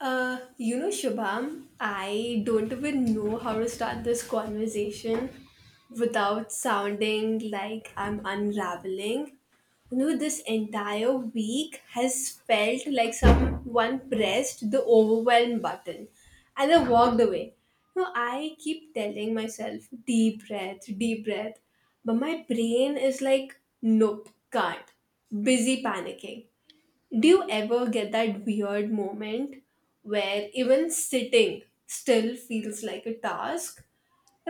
Shubham, I don't even know how to start this conversation without sounding like I'm unraveling. You know, this entire week has felt like someone pressed the overwhelm button and I walked away. No, I keep telling myself, deep breath, deep breath. But my brain is like, nope, can't. Busy panicking. Do you ever get that weird moment where even sitting still feels like a task?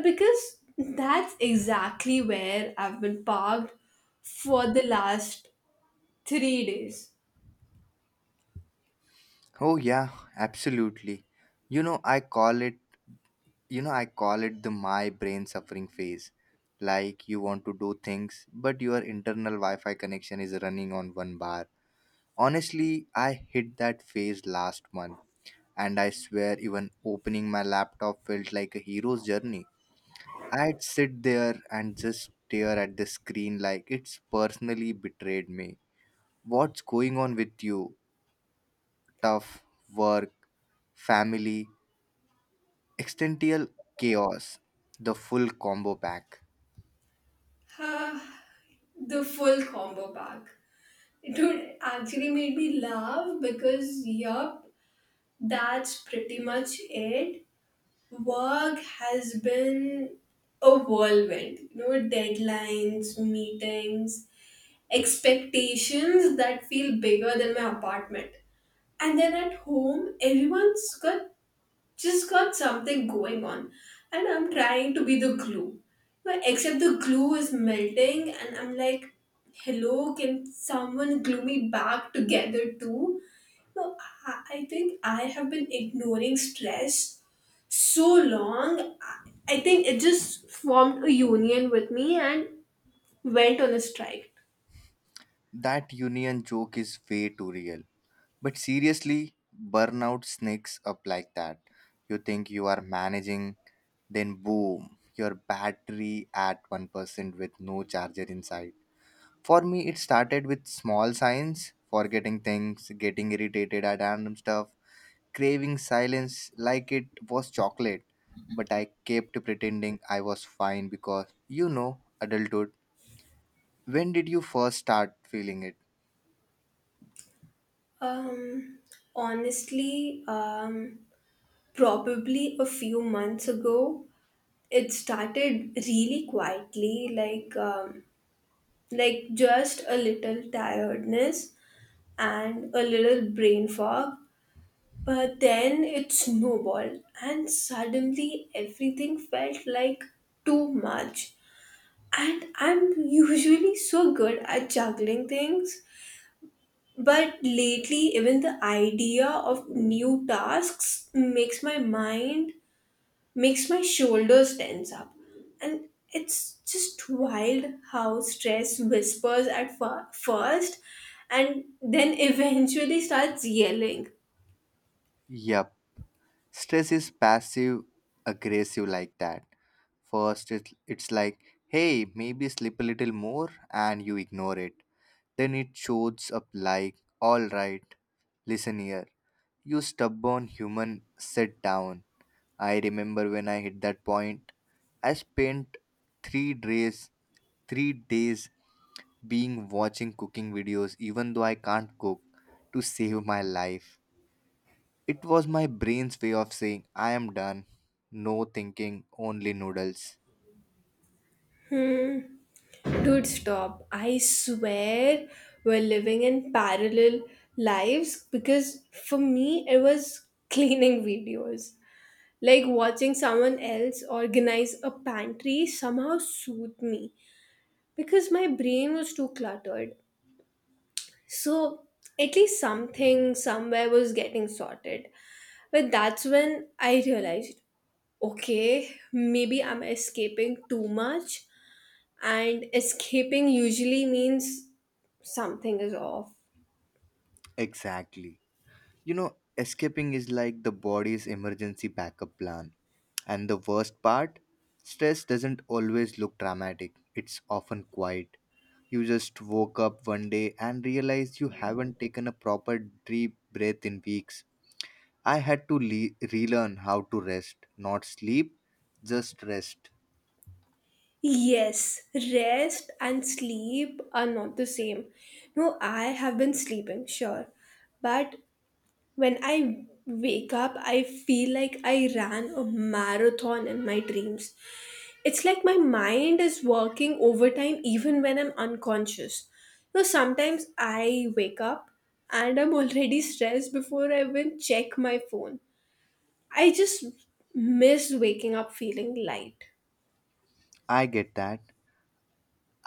Because that's exactly where I've been parked for the last 3 days. Oh yeah, absolutely. You know, I call it the my brain suffering phase. Like you want to do things, but your internal Wi-Fi connection is running on one bar. Honestly, I hit that phase last month, and I swear even opening my laptop felt like a hero's journey. I'd sit there and just stare at the screen like it's personally betrayed me. What's going on with you? Tough work, family Extential chaos, the full combo pack. The full combo pack. It would actually made me laugh because, yup, that's pretty much it. Work has been a whirlwind. You know, deadlines, meetings, expectations that feel bigger than my apartment. And then at home, everyone's got something going on, and I'm trying to be the glue. But except the glue is melting, and I'm like, "Hello, can someone glue me back together too?" No, I think I have been ignoring stress so long. I think it just formed a union with me and went on a strike. That union joke is way too real. But seriously, burnout sneaks up like that. You think you are managing, then boom, your battery at 1% with no charger inside. For me, it started with small signs, forgetting things, getting irritated at random stuff, craving silence like it was chocolate. But I kept pretending I was fine because adulthood. When did you first start feeling it? Um, honestly, probably a few months ago, it started really quietly, like like just a little tiredness and a little brain fog. But then it snowballed, and suddenly everything felt like too much. And I'm usually so good at juggling things. But lately, even the idea of new tasks makes makes my shoulders tense up. And it's just wild how stress whispers at first and then eventually starts yelling. Yup. Stress is passive aggressive like that. First, it's like, hey, maybe sleep a little more, and you ignore it. Then it shows up like, all right, listen here. You stubborn human, sit down. I remember when I hit that point, I spent 3 days, 3 days being watching cooking videos, even though I can't cook, to save my life. It was my brain's way of saying, I am done. No thinking, only noodles. Dude, stop. I swear we're living in parallel lives because for me, it was cleaning videos. Like watching someone else organize a pantry somehow soothed me because my brain was too cluttered. So at least something somewhere was getting sorted. But that's when I realized, okay, maybe I'm escaping too much, and escaping usually means something is off. Exactly. You know, escaping is like the body's emergency backup plan. And the worst part? Stress doesn't always look dramatic, it's often quiet. You just woke up one day and realized you haven't taken a proper deep breath in weeks. I had to relearn how to rest, not sleep, just rest. Yes, rest and sleep are not the same. No, I have been sleeping, sure. But when I wake up, I feel like I ran a marathon in my dreams. It's like my mind is working overtime even when I'm unconscious. You know, sometimes I wake up and I'm already stressed before I even check my phone. I just miss waking up feeling light. I get that.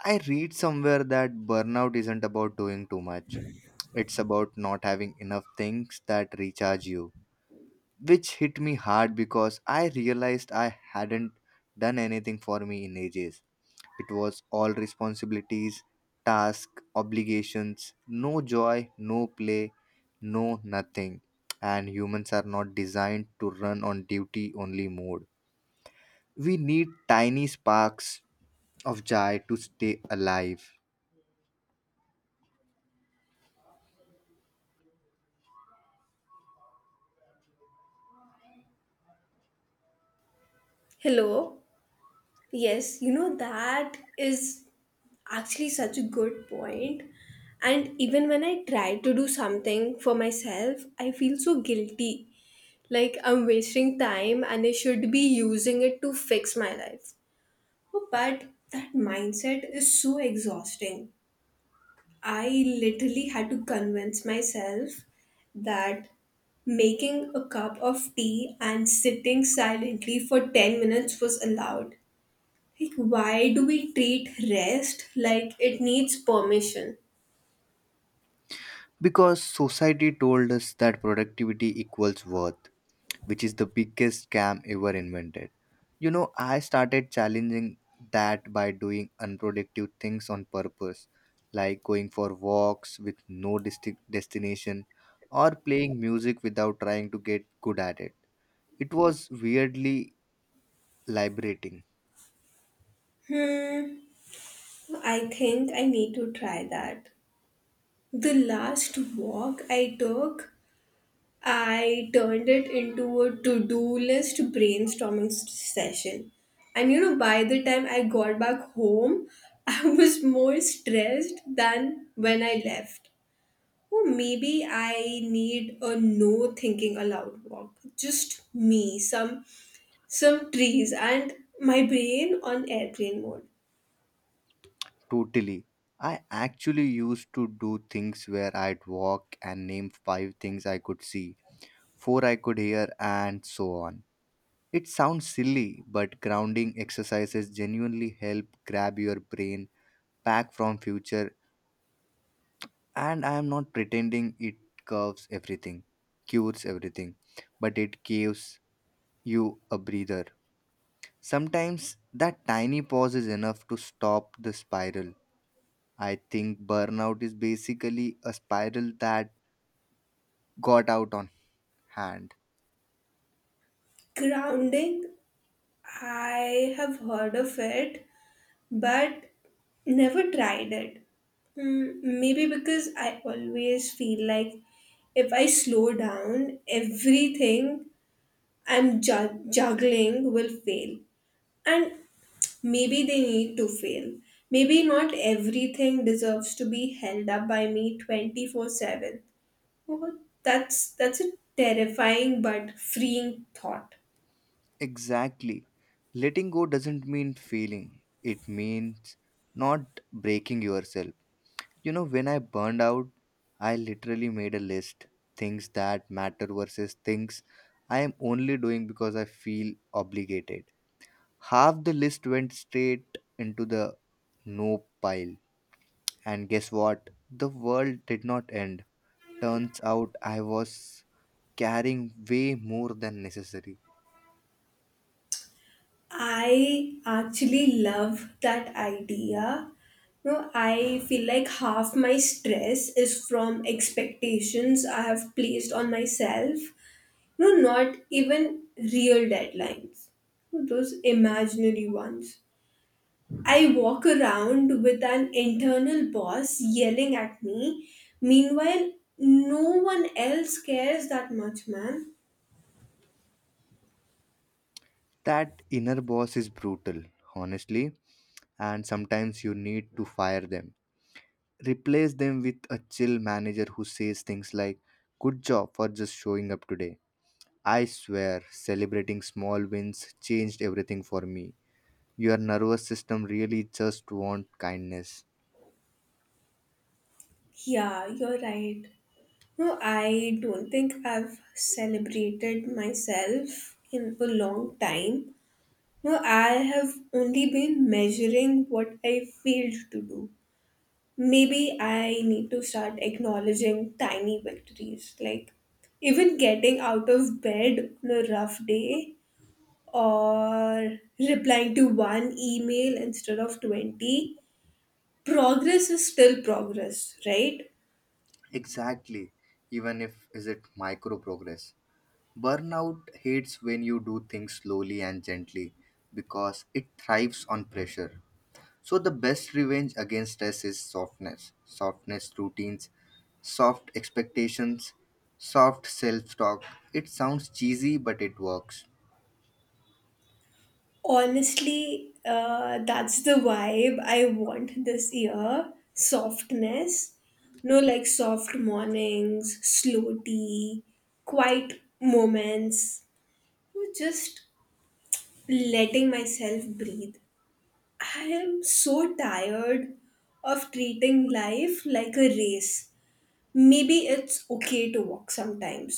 I read somewhere that burnout isn't about doing too much, it's about not having enough things that recharge you, which hit me hard because I realized I hadn't done anything for me in ages. It was all responsibilities, tasks, obligations, no joy, no play, no nothing. And humans are not designed to run on duty only mode. We need tiny sparks of joy to stay alive Hello? Yes, you know that is actually such a good point. And even when I try to do something for myself, I feel so guilty, like I'm wasting time and I should be using it to fix my life. But that mindset is so exhausting. I literally had to convince myself that making a cup of tea and sitting silently for 10 minutes was allowed. Like, why do we treat rest like it needs permission? because society told us that productivity equals worth, which is the biggest scam ever invented. You know, I started challenging that by doing unproductive things on purpose, like going for walks with no destination or playing music without trying to get good at it. It was weirdly liberating, Hmm, I think I need to try that. The last walk I took, I turned it into a to do list brainstorming session. And you know, by the time I got back home, I was more stressed than when I left. Or maybe I need a no thinking allowed walk. Just me, some trees and my brain on airplane mode. totally. I actually used to do things where I'd walk and name five things I could see, four I could hear, and so on. It sounds silly, but grounding exercises genuinely help grab your brain back from future, and I am not pretending it curves everything, cures everything, but it gives you a breather. Sometimes that tiny pause is enough to stop the spiral. I think burnout is basically a spiral that got out on hand. Grounding, I have heard of it, but never tried it. Maybe because I always feel like if I slow down, everything I'm juggling will fail. And maybe they need to fail. Maybe not everything deserves to be held up by me 24/7. Oh, that's a terrifying but freeing thought. Exactly. Letting go doesn't mean failing. It means not breaking yourself. You know, when I burned out, I literally made a list, things that matter versus things I am only doing because I feel obligated. Half the list went straight into the no pile. And guess what? The world did not end. Turns out I was carrying way more than necessary. I actually love that idea. No, I feel like half my stress is from expectations I have placed on myself. No, not even real deadlines. Those imaginary ones. I walk around with an internal boss yelling at me. Meanwhile, no one else cares that much, man. That inner boss is brutal, honestly, and sometimes you need to fire them. Replace them with a chill manager who says things like, "Good job for just showing up today." I swear, celebrating small wins changed everything for me. Your nervous system really just wants kindness. Yeah, you're right. No, I don't think I've celebrated myself in a long time. No, I have only been measuring what I failed to do. Maybe I need to start acknowledging tiny victories, like even getting out of bed on a rough day or replying to one email instead of 20. Progress is still progress, right? Exactly, even if is it micro progress. Burnout hates when you do things slowly and gently because it thrives on pressure. So the best revenge against us is softness, softness routines, soft expectations, soft self-talk. It sounds cheesy, but it works. Honestly, that's the vibe I want this year. Softness. No, like soft mornings, slow tea, quiet moments. No, just letting myself breathe. I am so tired of treating life like a race. Maybe it's okay to walk sometimes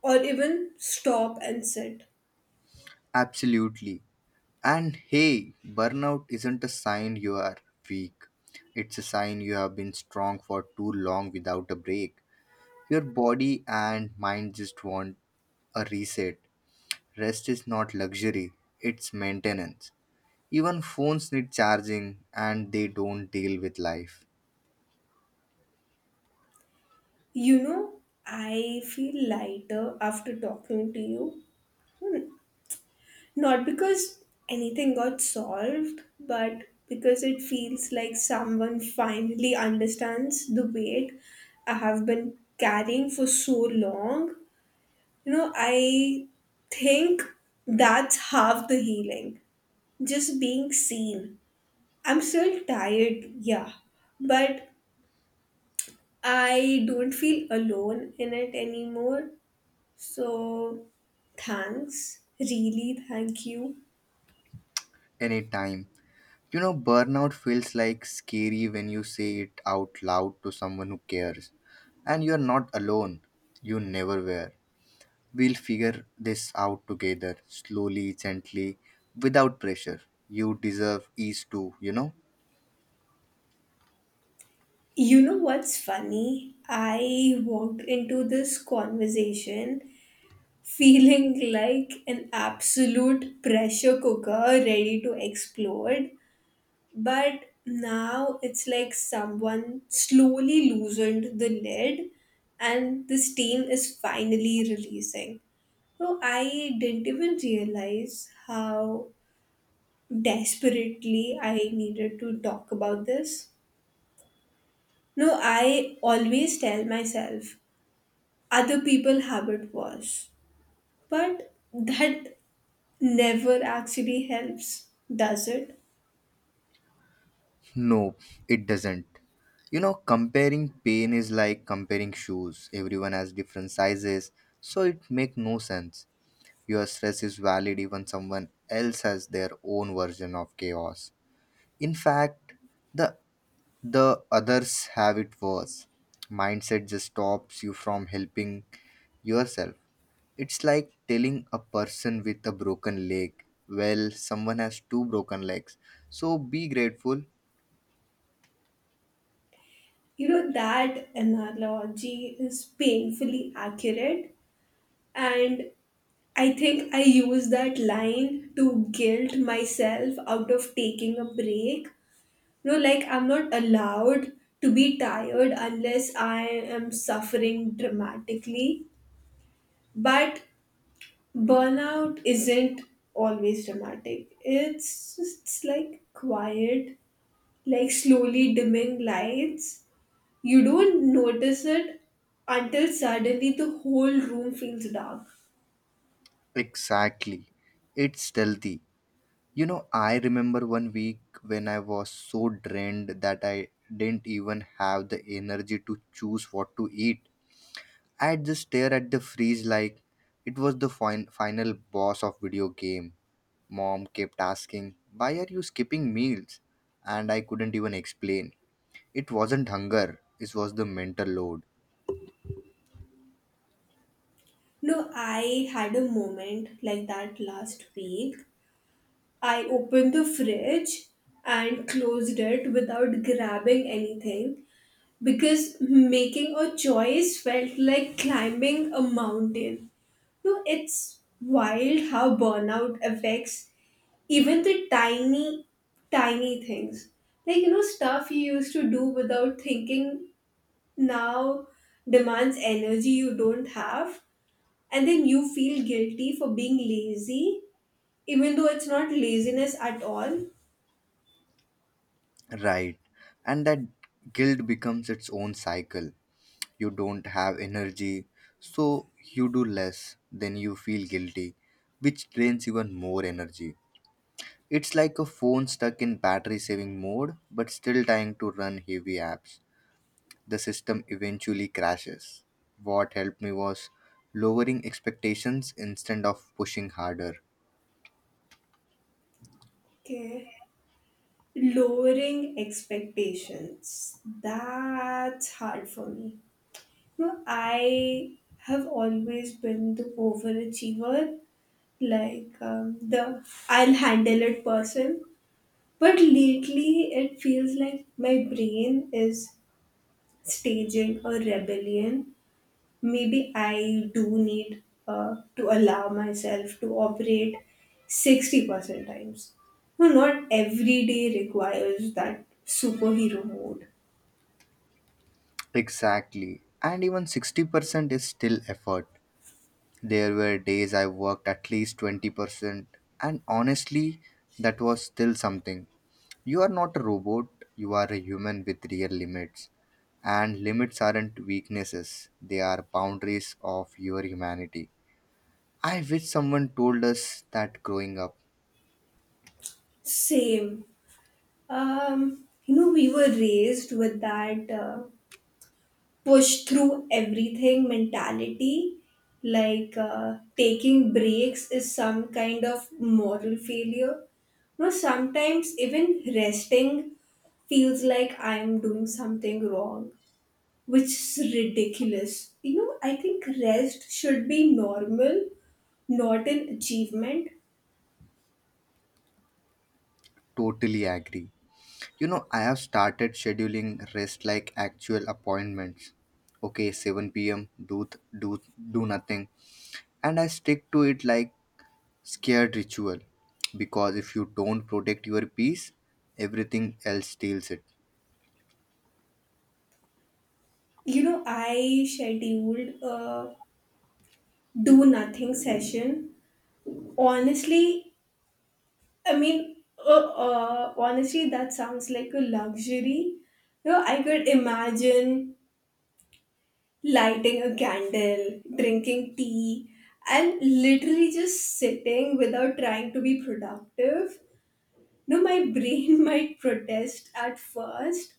or even stop and sit. Absolutely. And hey, burnout isn't a sign you are weak. It's a sign you have been strong for too long without a break. Your body and mind just want a reset. Rest is not luxury, it's maintenance. Even phones need charging, and they don't deal with life. You know, I feel lighter after talking to you. Not because anything got solved, but because it feels like someone finally understands the weight I have been carrying for so long. You know, I think that's half the healing. Just being seen. I'm still tired, yeah, but I don't feel alone in it anymore. So thanks. Really, thank you. Anytime. You know, burnout feels like scary when you say it out loud to someone who cares. And you're not alone. You never were. We'll figure this out together, slowly, gently, without pressure. You deserve ease too, you know? You know what's funny? I walked into this conversation feeling like an absolute pressure cooker ready to explode. But now it's like someone slowly loosened the lid and the steam is finally releasing. So I didn't even realize how desperately I needed to talk about this. No, I always tell myself other people have it worse. But that never actually helps, does it? No, it doesn't. You know, comparing pain is like comparing shoes. Everyone has different sizes, so it make no sense. Your stress is valid even someone else has their own version of chaos. In fact, the the others have it worse. Mindset just stops you from helping yourself. It's like telling a person with a broken leg, well, someone has two broken legs, so be grateful. You know, that analogy is painfully accurate, and I think I use that line to guilt myself out of taking a break. No, like I'm not allowed to be tired unless I am suffering dramatically. But burnout isn't always dramatic. It's like quiet, like slowly dimming lights. You don't notice it until suddenly the whole room feels dark. Exactly. It's stealthy. You know, I remember one week when I was so drained that I didn't even have the energy to choose what to eat. I'd just stare at the freeze like it was the final boss of video game. Mom kept asking, "Why are you skipping meals?" and I couldn't even explain. It wasn't hunger, it was the mental load. No, I had a moment like that last week. I opened the fridge and closed it without grabbing anything because making a choice felt like climbing a mountain. No, it's wild how burnout affects even the tiny, tiny things. Like, you know, stuff you used to do without thinking now demands energy you don't have. And then you feel guilty for being lazy, even though it's not laziness at all. Right. And that guilt becomes its own cycle. You don't have energy, so you do less, then you feel guilty, which drains even more energy. It's like a phone stuck in battery saving mode but still trying to run heavy apps. The system eventually crashes. What helped me was lowering expectations instead of pushing harder. Okay. Lowering expectations. That's hard for me. No, I have always been the overachiever, the I'll handle it person. But lately, it feels like my brain is staging a rebellion. Maybe I do need to allow myself to operate 60% times. No, not every day requires that superhero mode. Exactly. And even 60% is still effort. There were days I worked at least 20%, and honestly, that was still something. You are not a robot, you are a human with real limits. And limits aren't weaknesses, they are boundaries of your humanity. I wish someone told us that growing up. Same. You know, we were raised with that push through everything mentality. Like taking breaks is some kind of moral failure. No, sometimes even resting feels like I'm doing something wrong, which is ridiculous. You know, I think rest should be normal, not an achievement. Totally agree. You know, I have started scheduling rest like actual appointments. Okay, 7 p.m. do th- do do nothing, and I stick to it like scared ritual. Because if you don't protect your peace, everything else steals it. You know, I scheduled a do nothing session. Honestly, Honestly, that sounds like a luxury. You know, I could imagine lighting a candle, drinking tea, and literally just sitting without trying to be productive. No, my brain might protest at first,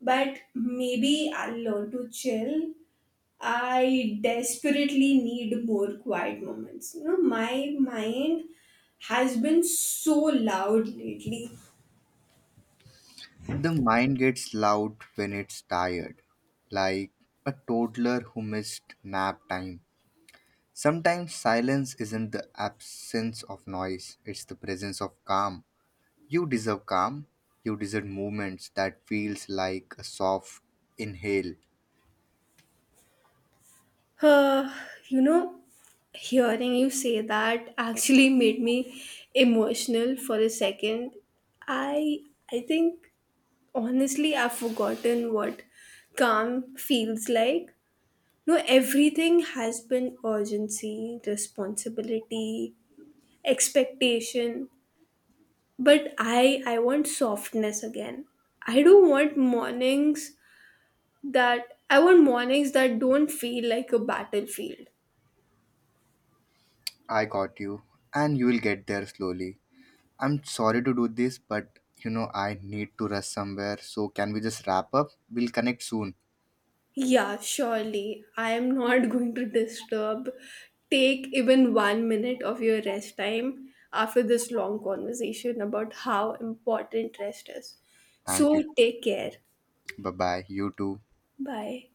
but maybe I'll learn to chill. I desperately need more quiet moments. You know, my mind has been so loud lately. The mind gets loud when it's tired, like a toddler who missed nap time. Sometimes silence isn't the absence of noise; it's the presence of calm. You deserve calm. You deserve movements that feels like a soft inhale. Uh, you know, Hearing you say that actually made me emotional for a second. I I think honestly I've forgotten what calm feels like. No, everything has been urgency, responsibility, expectation. But I want softness again. I don't want mornings that I want mornings that don't feel like a battlefield. I got you, and you will get there slowly. I'm sorry to do this, but you know I need to rush somewhere. So can we just wrap up? We'll connect soon. Yeah, surely. I am not going to disturb. Take even 1 minute of your rest time after this long conversation about how important rest is. Thank you. So take care. Bye bye. You too. Bye.